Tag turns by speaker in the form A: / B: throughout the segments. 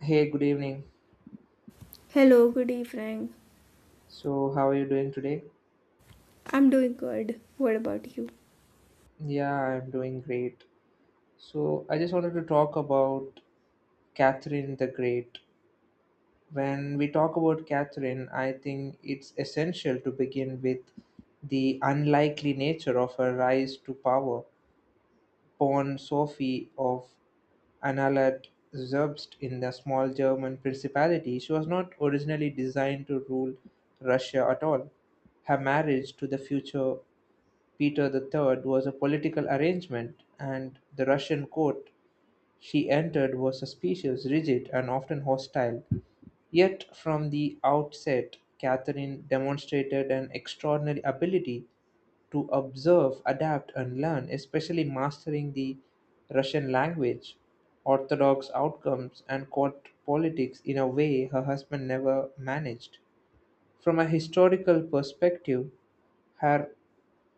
A: Hey, good evening.
B: Hello, good evening.
A: So, how are you doing today?
B: I'm doing good. What about you?
A: Yeah, I'm doing great. So, I just wanted to talk about Catherine the Great. When we talk about Catherine, I think it's essential to begin with the unlikely nature of her rise to power. Born Sophie of Anhalt Zerbst in the small German principality, she was not originally designed to rule Russia at all. Her marriage to the future Peter III was a political arrangement, and the Russian court she entered was suspicious, rigid, and often hostile. Yet from the outset, Catherine demonstrated an extraordinary ability to observe, adapt, and learn, especially mastering the Russian language, orthodox outcomes, and court politics in a way her husband never managed. From a historical perspective, her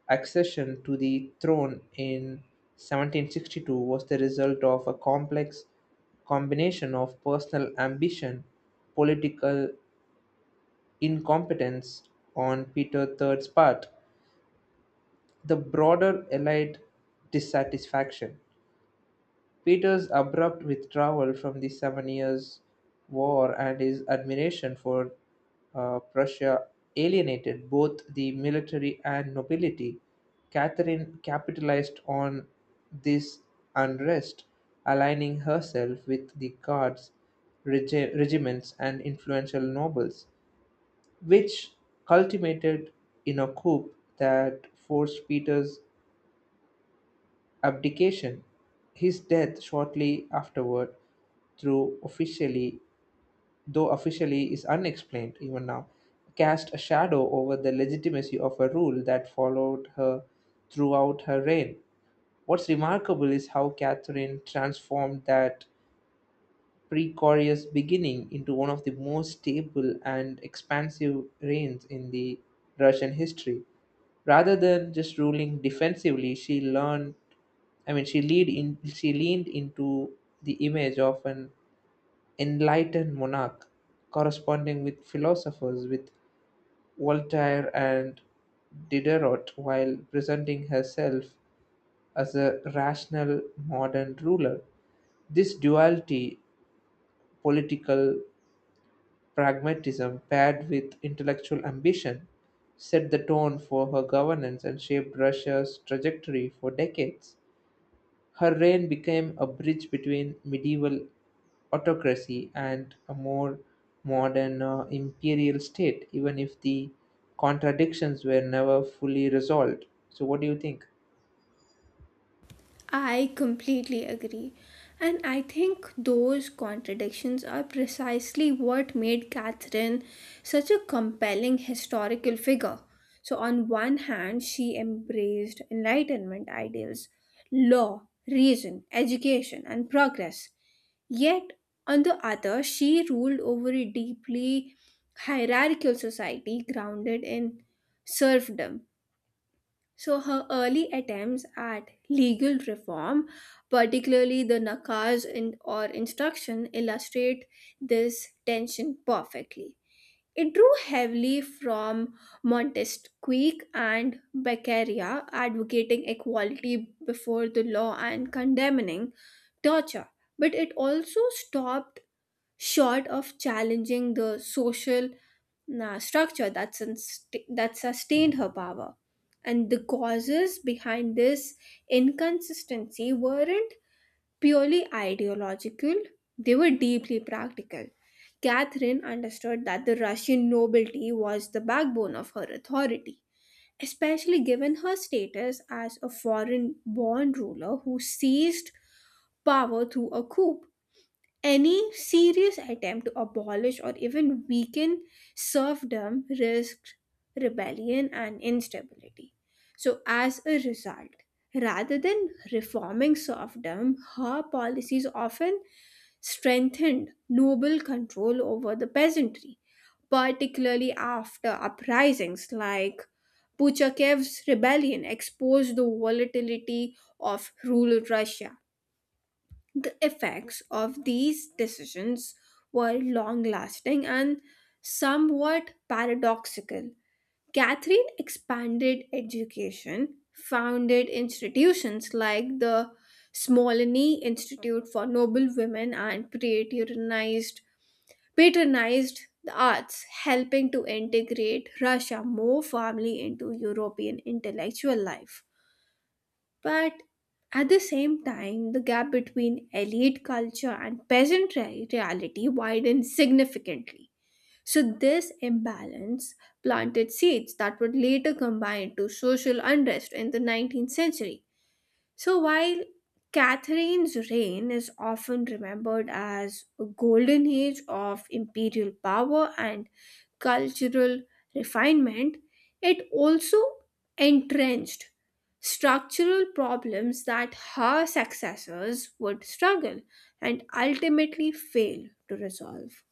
A: accession to the throne in 1762 was the result of a complex combination of personal ambition, political incompetence on Peter III's part, the broader elite dissatisfaction. Peter's abrupt withdrawal from the Seven Years' War and his admiration for Prussia alienated both the military and nobility. Catherine capitalized on this unrest, aligning herself with the guards, regiments, and influential nobles, which culminated in a coup that forced Peter's abdication. His death shortly afterward, through officially though officially is unexplained even now, cast a shadow over the legitimacy of a rule that followed her throughout her reign. What's remarkable is how Catherine transformed that precarious beginning into one of the most stable and expansive reigns in the Russian history. Rather than just ruling defensively, she learned I mean, she lead in she leaned into the image of an enlightened monarch, corresponding with philosophers, with Voltaire and Diderot, while presenting herself as a rational modern ruler. This duality, political pragmatism paired with intellectual ambition, set the tone for her governance and shaped Russia's trajectory for decades. Her reign became a bridge between medieval autocracy and a more modern imperial state, even if the contradictions were never fully resolved. So, what do you think?
B: I completely agree. And I think those contradictions are precisely what made Catherine such a compelling historical figure. So, on one hand, she embraced Enlightenment ideals, law, reason, education, and progress. Yet, on the other, she ruled over a deeply hierarchical society grounded in serfdom. So her early attempts at legal reform, particularly the nakaz in, or instruction, illustrate this tension perfectly. It drew heavily from Montesquieu and Beccaria, advocating equality before the law and condemning torture. But it also stopped short of challenging the social na structure that sustained her power. And the causes behind this inconsistency weren't purely ideological, they were deeply practical. Catherine understood that the Russian nobility was the backbone of her authority, especially given her status as a foreign born ruler who seized power through a coup. Any serious attempt to abolish or even weaken serfdom risked rebellion and instability. So, as a result, rather than reforming serfdom, her policies often strengthened noble control over the peasantry, particularly after uprisings like Puchakev's rebellion exposed the volatility of rural Russia. The effects of these decisions were long lasting and somewhat paradoxical. Catherine expanded education, founded institutions like the Smolny Institute for Noble Women, and patronized the arts, helping to integrate Russia more firmly into European intellectual life. But at the same time, the gap between elite culture and peasant reality widened significantly. So, this imbalance planted seeds that would later combine to social unrest in the 19th century. So while Catherine's reign is often remembered as a golden age of imperial power and cultural refinement, it also entrenched structural problems that her successors would struggle and ultimately fail to resolve.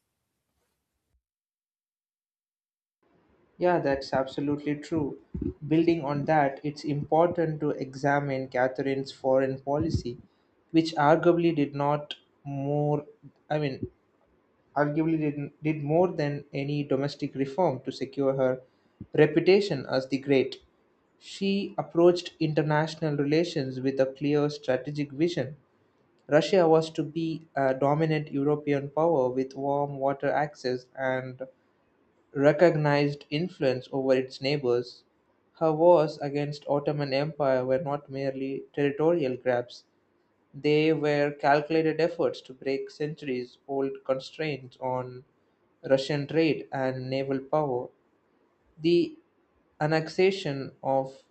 A: Yeah, that's absolutely true. Building on that, it's important to examine Catherine's foreign policy, which arguably did not more, I mean, arguably did more than any domestic reform to secure her reputation as the Great. She approached international relations with a clear strategic vision. Russia was to be a dominant European power with warm water access and recognized influence over its neighbors. Her wars against Ottoman Empire were not merely territorial grabs. They were calculated efforts to break centuries old constraints on Russian trade and naval power. The annexation of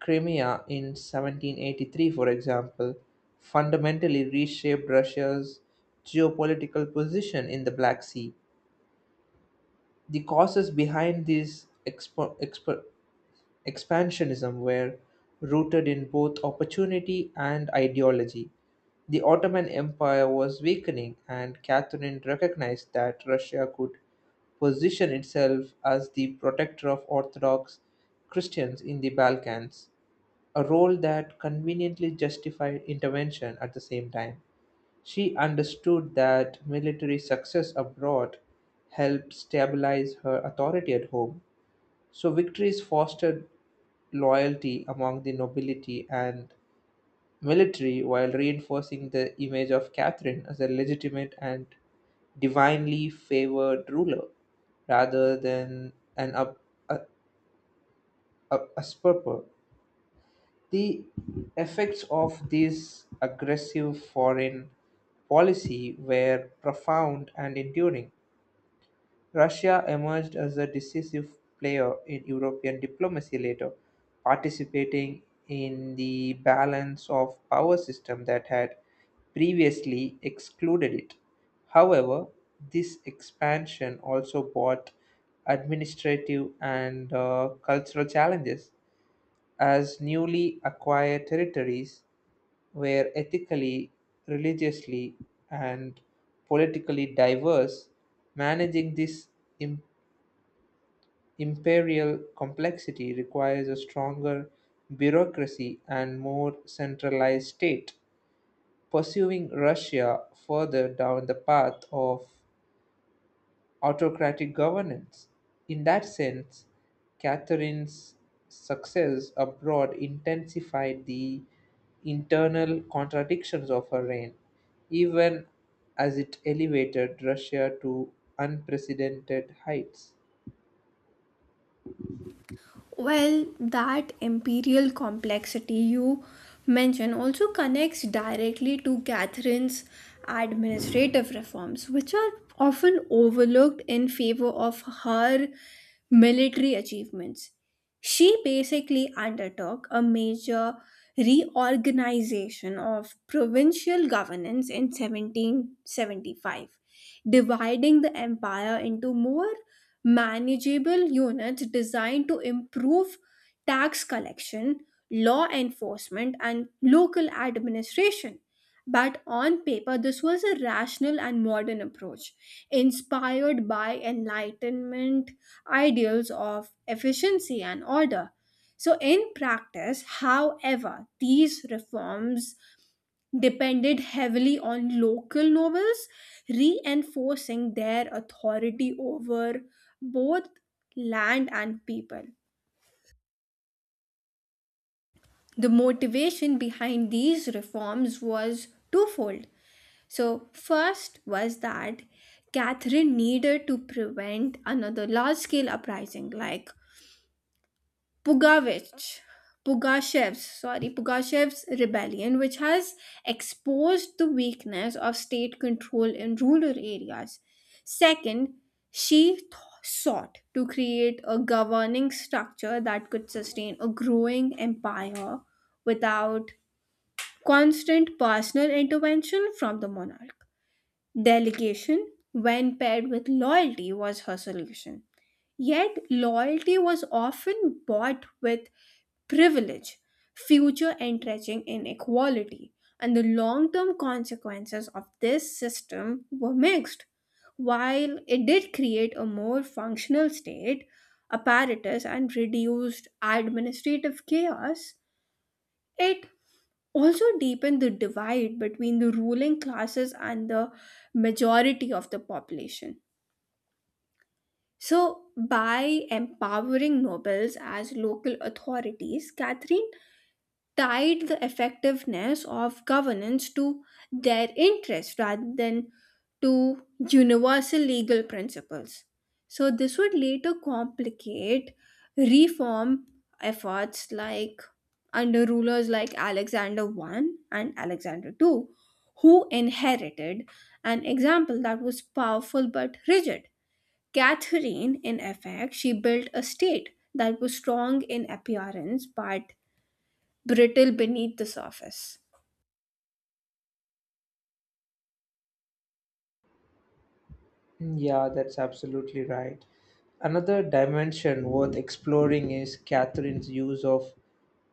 A: Crimea in 1783, for example, fundamentally reshaped Russia's geopolitical position in the Black Sea. The causes behind these expansionism were rooted in both opportunity and ideology. The Ottoman Empire was weakening, and Catherine recognized that Russia could position itself as the protector of Orthodox Christians in the Balkans, a role that conveniently justified intervention at the same time. She understood that military success abroad helped stabilize her authority at home, so victories fostered loyalty among the nobility and military while reinforcing the image of Catherine as a legitimate and divinely favored ruler rather than a, a usurper. The effects of this aggressive foreign policy were profound and enduring. Russia emerged as a decisive player in European diplomacy later, participating in the balance of power system that had previously excluded it. However, this expansion also brought administrative and cultural challenges, as newly acquired territories were ethically, religiously, and politically diverse. Managing this im- imperial complexity requires a stronger bureaucracy and more centralized state, pursuing Russia further down the path of autocratic governance. In that sense, Catherine's success abroad intensified the internal contradictions of her reign, even as it elevated Russia to unprecedented heights.
B: Well, that imperial complexity you mention also connects directly to Catherine's administrative reforms, which are often overlooked in favor of her military achievements. She basically undertook a major reorganization of provincial governance in 1775, dividing the empire into more manageable units designed to improve tax collection, law enforcement, and local administration. But on paper, this was a rational and modern approach, inspired by Enlightenment ideals of efficiency and order. So, in practice, however, these reforms depended heavily on local nobles, reinforcing their authority over both land and people. The motivation behind these reforms was twofold. So, first was that Catherine needed to prevent another large scale uprising like Pugavich, Pugashev's rebellion, which has exposed the weakness of state control in rural areas. Second, she sought to create a governing structure that could sustain a growing empire without constant personal intervention from the monarch. Delegation, when paired with loyalty, was her solution. Yet, loyalty was often bought with privilege, future entrenching inequality, and the long term consequences of this system were mixed. While it did create a more functional state, apparatus, and reduced administrative chaos, it also deepen the divide between the ruling classes and the majority of the population. So, by empowering nobles as local authorities, Catherine tied the effectiveness of governance to their interest rather than to universal legal principles. So, this would later complicate reform efforts like under rulers like Alexander I and Alexander II, who inherited an example that was powerful but rigid. Catherine, in effect, she built a state that was strong in appearance but brittle beneath the surface.
A: Mm, yeah, that's absolutely right. Another dimension worth exploring is Catherine's use of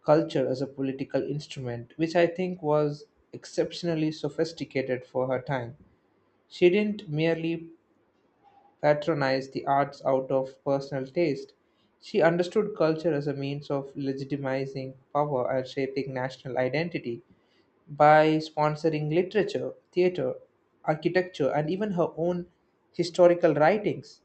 A: culture as a political instrument, which I think was exceptionally sophisticated for her time. She didn't merely patronize the arts out of personal taste, she understood culture as a means of legitimizing power and shaping national identity by sponsoring literature, theater, architecture, and even her own historical writings.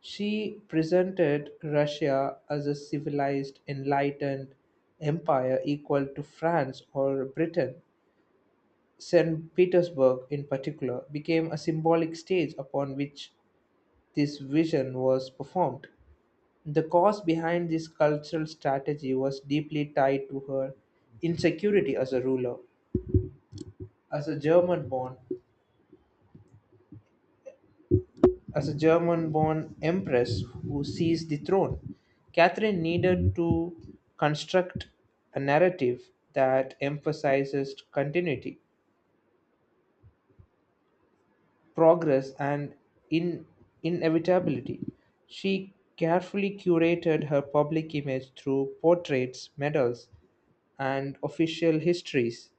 A: She presented Russia as a civilized, enlightened empire equal to France or Britain. St. Petersburg, in particular, became a symbolic stage upon which this vision was performed. The cause behind this cultural strategy was deeply tied to her insecurity as a ruler. As a German born, As a German born empress who seized the throne, Catherine needed to construct a narrative that emphasizes continuity, progress, and in- inevitability. She carefully curated her public image through portraits, medals, and official histories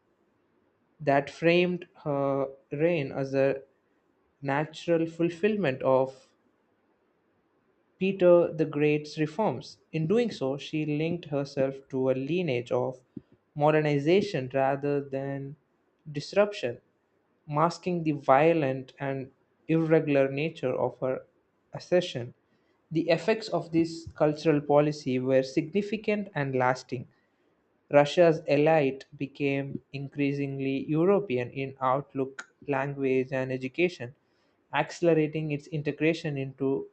A: that framed her reign as a natural fulfillment of Peter the Great's reforms. In doing so, she linked herself to a lineage of modernization rather than disruption, masking the violent and irregular nature of her accession. The effects of this cultural policy were significant and lasting. Russia's elite became increasingly European in outlook, language, and education, accelerating its integration into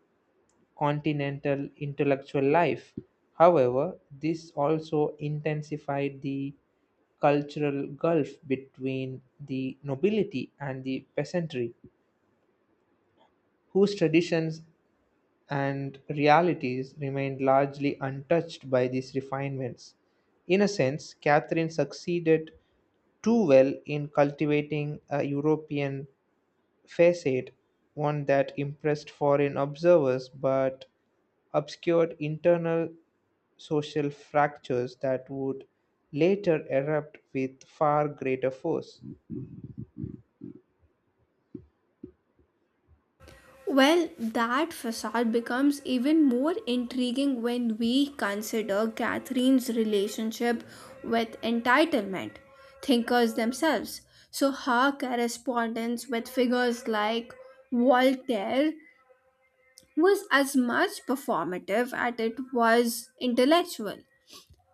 A: continental intellectual life. However, this also intensified the cultural gulf between the nobility and the peasantry, whose traditions and realities remained largely untouched by these refinements. In a sense, Catherine succeeded too well in cultivating a European facade, one that impressed foreign observers but obscured internal social fractures that would later erupt with far greater force.
B: Well, that facade becomes even more intriguing when we consider Catherine's relationship with entitlement thinkers themselves. So, her correspondence with figures like Voltaire was as much performative as it was intellectual.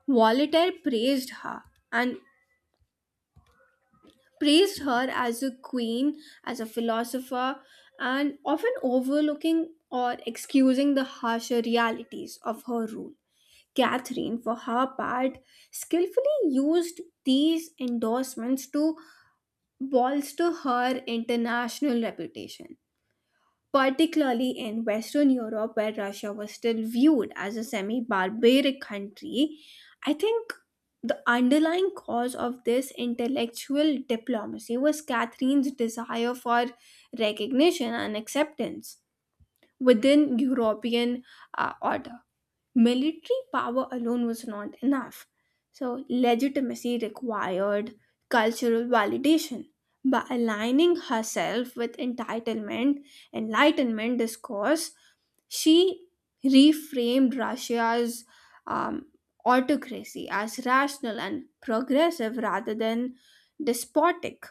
B: Voltaire praised her and praised her as a queen, as a philosopher, and often overlooking or excusing the harsher realities of her rule. Catherine, for her part, skillfully used these endorsements to bolster her international reputation particularly in Western Europe, where Russia was still viewed as a semi barbaric country. I think the underlying cause of this intellectual diplomacy was Catherine's desire for recognition and acceptance within European order military power alone was not enough. So, legitimacy required cultural validation. By aligning herself with entitlement, enlightenment discourse, she reframed Russia's um, autocracy as rational and progressive rather than despotic.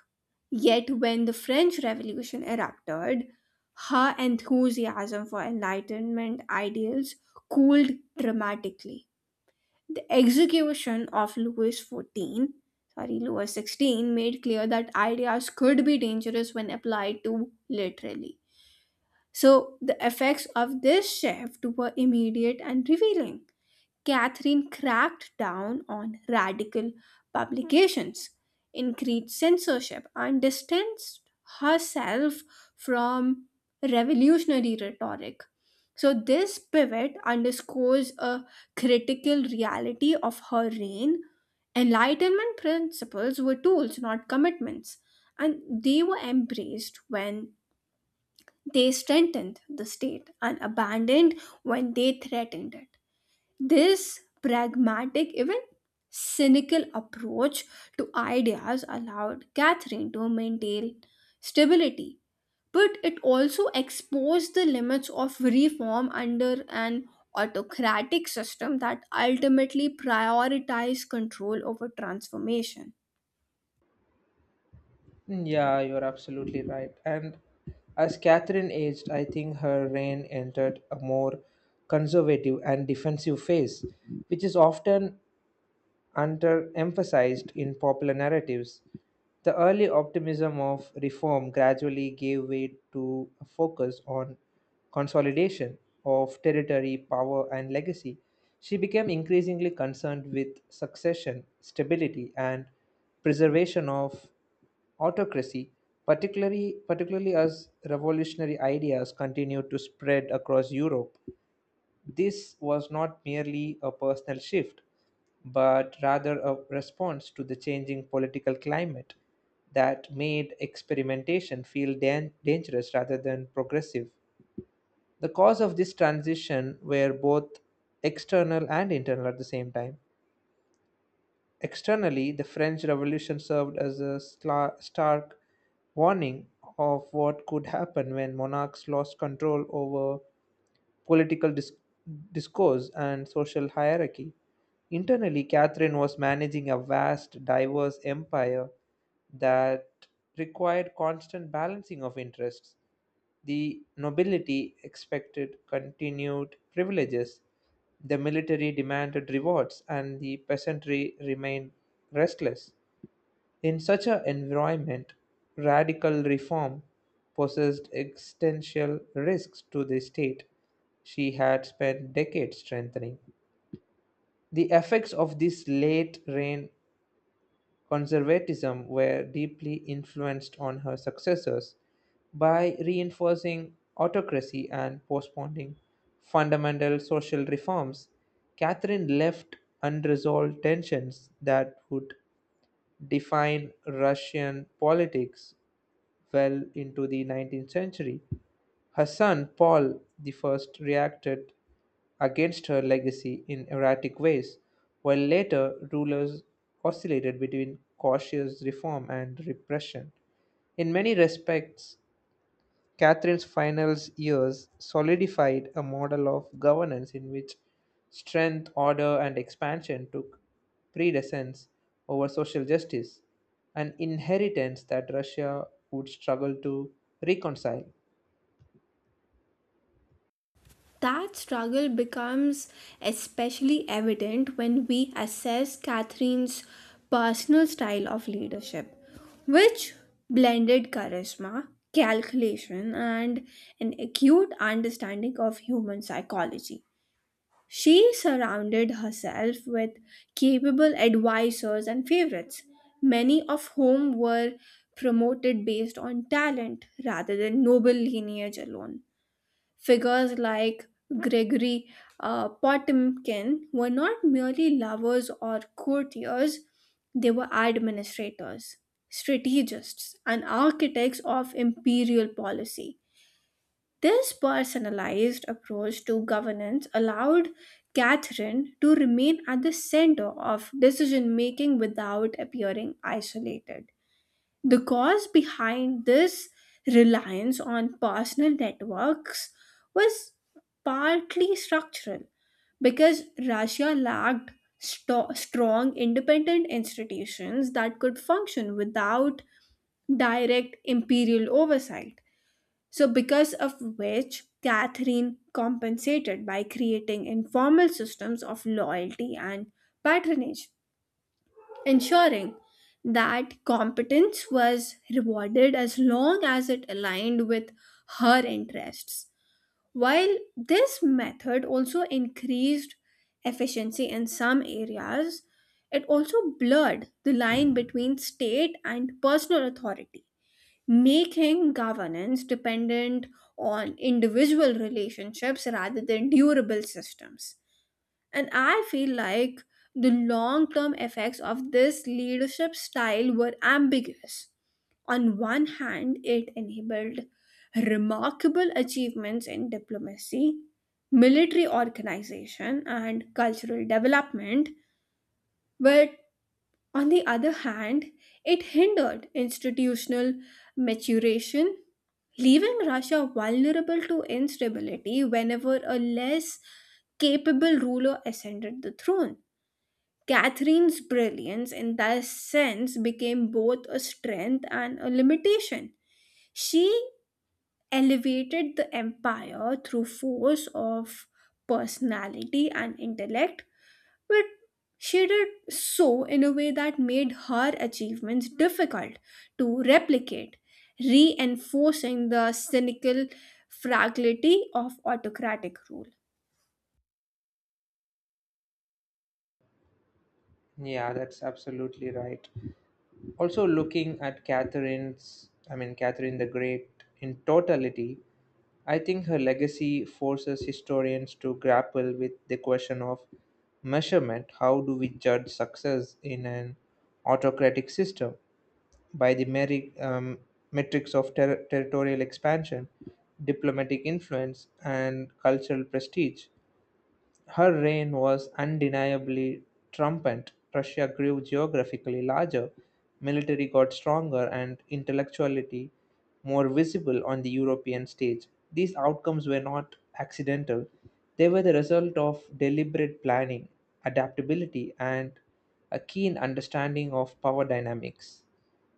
B: Yet, when the French Revolution erupted, her enthusiasm for Enlightenment ideals cooled dramatically. The execution of Louis XVI, made clear that ideas could be dangerous when applied too literally. So, the effects of this shift were immediate and revealing. Catherine cracked down on radical publications, increased censorship, and distanced herself from revolutionary rhetoric. So, this pivot underscores a critical reality of her reign. Enlightenment principles were tools, not commitments, and they were embraced when they strengthened the state and abandoned when they threatened it. This pragmatic, even cynical approach to ideas allowed Catherine to maintain stability, but it also exposed the limits of reform under an autocratic system that ultimately prioritized control over transformation.
A: Mm, yeah, you're absolutely right. And as Catherine aged, I think her reign entered a more conservative and defensive phase, which is often underemphasized in popular narratives. The early optimism of reform gradually gave way to a focus on consolidation of territory, power, and legacy. She became increasingly concerned with succession, stability, and preservation of autocracy, particularly as revolutionary ideas continued to spread across Europe. This was not merely a personal shift, but rather a response to the changing political climate that made experimentation feel dangerous rather than progressive. The cause of this transition were both external and internal at the same time. Externally, the French Revolution served as a stark warning of what could happen when monarchs lost control over political discourse and social hierarchy. Internally, Catherine was managing a vast, diverse empire that required constant balancing of interests. The nobility expected continued privileges, the military demanded rewards, and the peasantry remained restless. In such an environment, radical reform posed existential risks to the state she had spent decades strengthening. The effects of this late reign conservatism were deeply influenced on her successors by reinforcing autocracy and postponing fundamental social reforms. Catherine left unresolved tensions that would define Russian politics well into the 19th century. Her son Paul I reacted against her legacy in erratic ways, while later rulers oscillated between cautious reform and repression. In many respects, Catherine's final years solidified a model of governance in which strength, order, and expansion took precedence over social justice, an inheritance that Russia would struggle to reconcile.
B: That struggle becomes especially evident when we assess Catherine's personal style of leadership, which blended charisma, calculation, and an acute understanding of human psychology. She surrounded herself with capable advisors and favorites, many of whom were promoted based on talent rather than noble lineage alone. Figures like Gregory Potemkin were not merely lovers or courtiers, they were administrators, strategists, and architects of imperial policy. This personalized approach to governance allowed Catherine to remain at the center of decision making without appearing isolated. The cause behind this reliance on personal networks was partly structural because Russia lacked strong independent institutions that could function without direct imperial oversight. So, because of which, Catherine compensated by creating informal systems of loyalty and patronage ensuring that competence was rewarded as long as it aligned with her interests. While this method also increased efficiency in some areas, it also blurred the line between state and personal authority, making governance dependent on individual relationships rather than durable systems. And I feel like the long term effects of this leadership style were ambiguous. On one hand, it enabled remarkable achievements in diplomacy, military organization, and cultural development, but on the other hand, it hindered institutional maturation, leaving Russia vulnerable to instability whenever a less capable ruler ascended the throne. Catherine's brilliance, in that sense, became both a strength and a limitation. She elevated the empire through force of personality and intellect, but she did so in a way that made her achievements difficult to replicate, reinforcing the cynical fragility of autocratic rule.
A: Yeah, that's absolutely right. Also looking at I mean, Catherine the Great in totality, I think her legacy forces historians to grapple with the question of measurement. How do we judge success in an autocratic system? By the metrics of territorial expansion, diplomatic influence, and cultural prestige. Her reign was undeniably triumphant. Russia grew geographically larger, military got stronger, and intellectuality more visible on the European stage. These outcomes were not accidental, they were the result of deliberate planning, adaptability, and a keen understanding of power dynamics.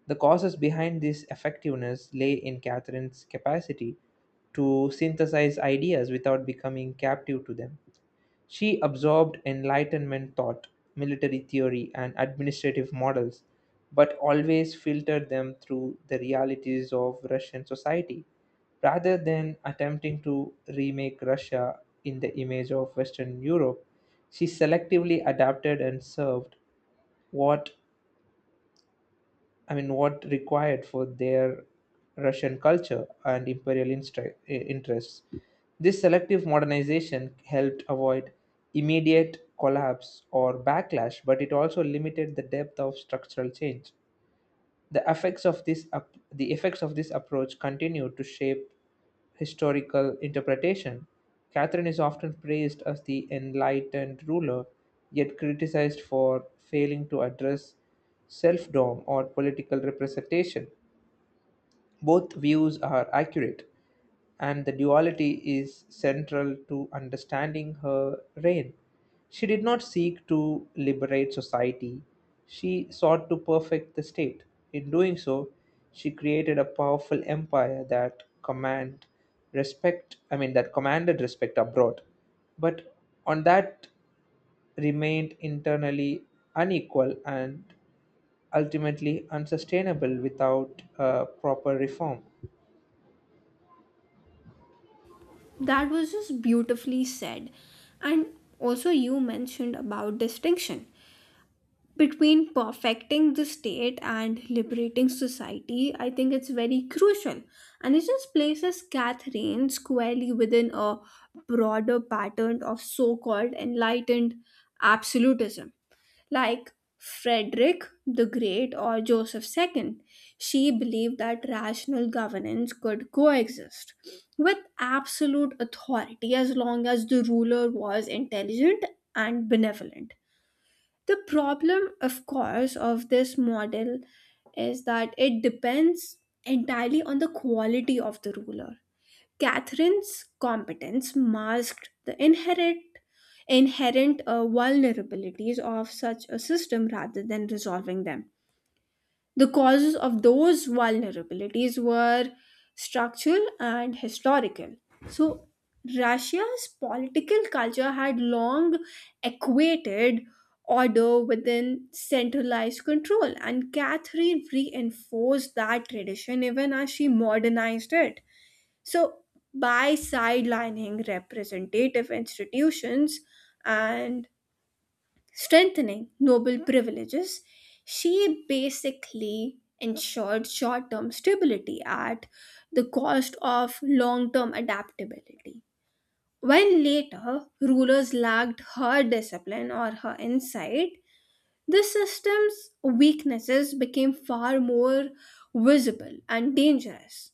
A: The causes behind this effectiveness lay in Catherine's capacity to synthesize ideas without becoming captive to them. She absorbed Enlightenment thought, military theory, and administrative models, but always filtered them through the realities of Russian society, rather than attempting to remake Russia in the image of Western Europe. She selectively adapted and served what I mean, what required for their Russian culture and imperial interests. This selective modernization helped avoid immediate collapse or backlash, but it also limited the depth of structural change. The effects of this approach continue to shape historical interpretation. Catherine is often praised as the enlightened ruler, yet criticized for failing to address selfdom or political representation. Both views are accurate, and the duality is central to understanding her reign. She did not seek to liberate society, she sought to perfect the state. In doing so, she created a powerful empire that command respect I mean, that commanded respect abroad. But on that remained internally unequal and ultimately unsustainable without proper reform.
B: That was just beautifully said. And also, you mentioned about distinction between perfecting the state and liberating society. I think it's very crucial. And it just places Catherine squarely within a broader pattern of so called enlightened absolutism like Frederick the Great or Joseph II. She believed that rational governance could coexist with absolute authority as long as the ruler was intelligent and benevolent. The problem, of course, of this model is that it depends entirely on the quality of the ruler. Catherine's competence masked the inherent vulnerabilities of such a system rather than resolving them. The causes of those vulnerabilities were structural and historical. So, Russia's political culture had long equated order within centralized control, and Catherine reinforced that tradition even as she modernized it. So, by sidelining representative institutions and strengthening noble privileges, she basically ensured short term stability at the cost of long term adaptability. When later rulers lacked her discipline or her insight, the system's weaknesses became far more visible and dangerous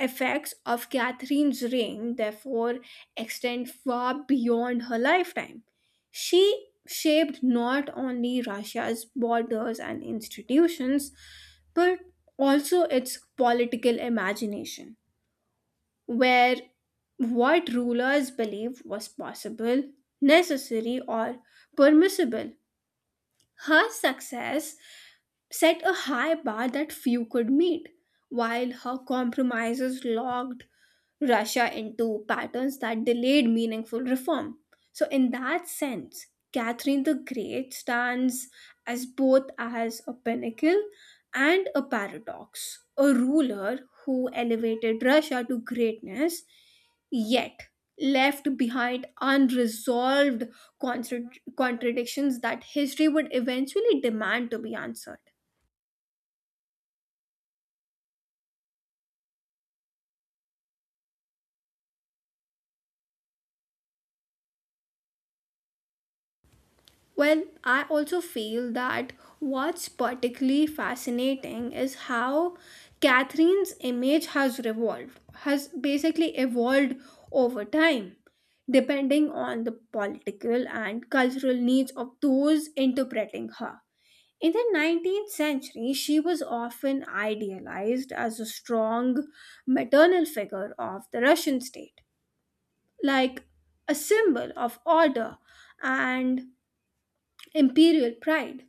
B: effects of Catherine's reign therefore extend far beyond her lifetime. She shaped not only Russia's borders and institutions, but also its political imagination, where what rulers believed was possible, necessary, or permissible her success set a high bar that few could meet, while her compromises locked Russia into patterns that delayed meaningful reform. So, in that sense, Catherine the Great stands as both as a pinnacle and a paradox, a ruler who elevated Russia to greatness, yet left behind unresolved contra- contradictions that history would eventually demand to be answered. Well, I also feel that what's particularly fascinating is how Catherine's image has basically evolved over time, depending on the political and cultural needs of those interpreting her. In the 19th century, she was often idealized as a strong maternal figure of the Russian state, like a symbol of order and imperial pride.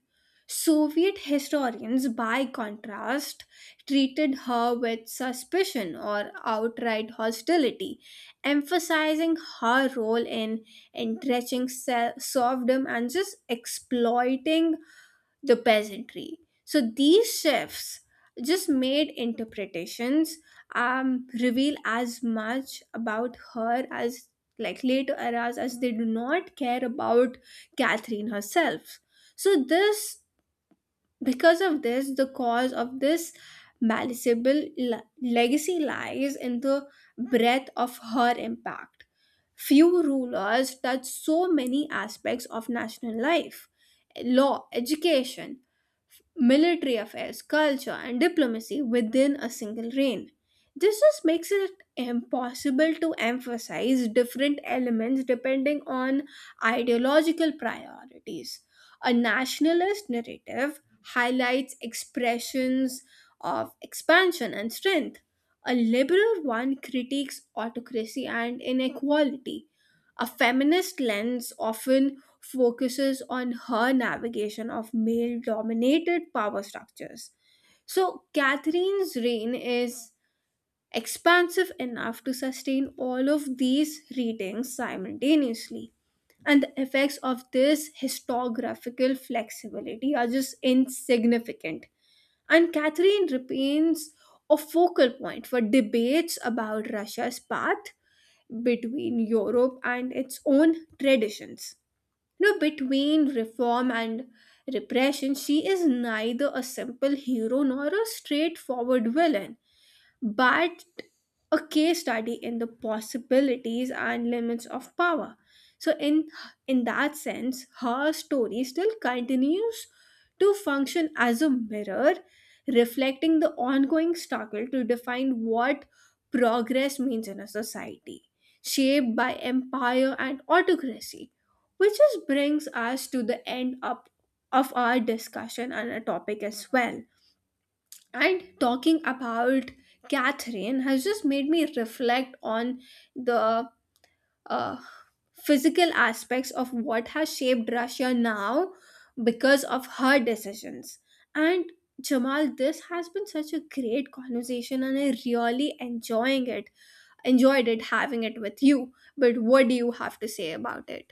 B: Soviet historians, by contrast, treated her with suspicion or outright hostility, emphasizing her role in entrenching serfdom and just exploiting the peasantry. So these shifts just made interpretations reveal as much about her as like later eras as they do not care about Catherine herself. So this because of this, the cause of this malleable legacy lies in the breadth of her impact. Few rulers touched so many aspects of national life law, education, military affairs, culture, and diplomacy within a single reign. This just makes it impossible to emphasize different elements depending on ideological priorities. A nationalist narrative highlights expressions of expansion and strength. A liberal one critiques autocracy and inequality. A feminist lens often focuses on her navigation of male dominated power structures. So, Catherine's reign is expansive enough to sustain all of these readings simultaneously. And the effects of this historiographical flexibility are just insignificant. And Catherine remains a focal point for debates about Russia's path between Europe and its own traditions. You know, between reform and repression, she is neither a simple hero nor a straightforward villain, but a case study in the possibilities and limits of power. So in that sense, her story still continues to function as a mirror, reflecting the ongoing struggle to define what progress means in a society, shaped by empire and autocracy. Which just brings us to the end up of our discussion and a topic as well. And talking about Catherine has just made me reflect on the uh, physical aspects of what has shaped Russia now because of her decisions. And Jamal, this has been such a great conversation, and I really enjoying it. Enjoyed it having it with you. But what do you have to say about it?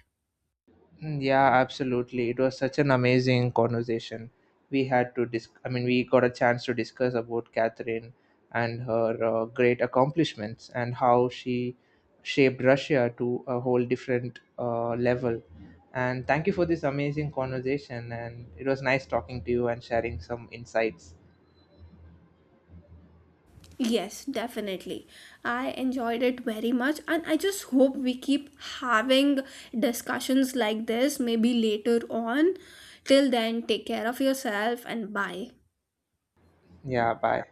A: Mm, yeah, absolutely. It was such an amazing conversation. We had to I mean, we got a chance to discuss about Catherine and her great accomplishments and how she shaped Russia to a whole different level. And thank you for this amazing conversation. And it was nice talking to you and sharing some insights.
B: Yes, definitely. I enjoyed it very much, and I just hope we keep having discussions like this maybe later on. Till then, take care of yourself and bye.
A: Yeah, bye.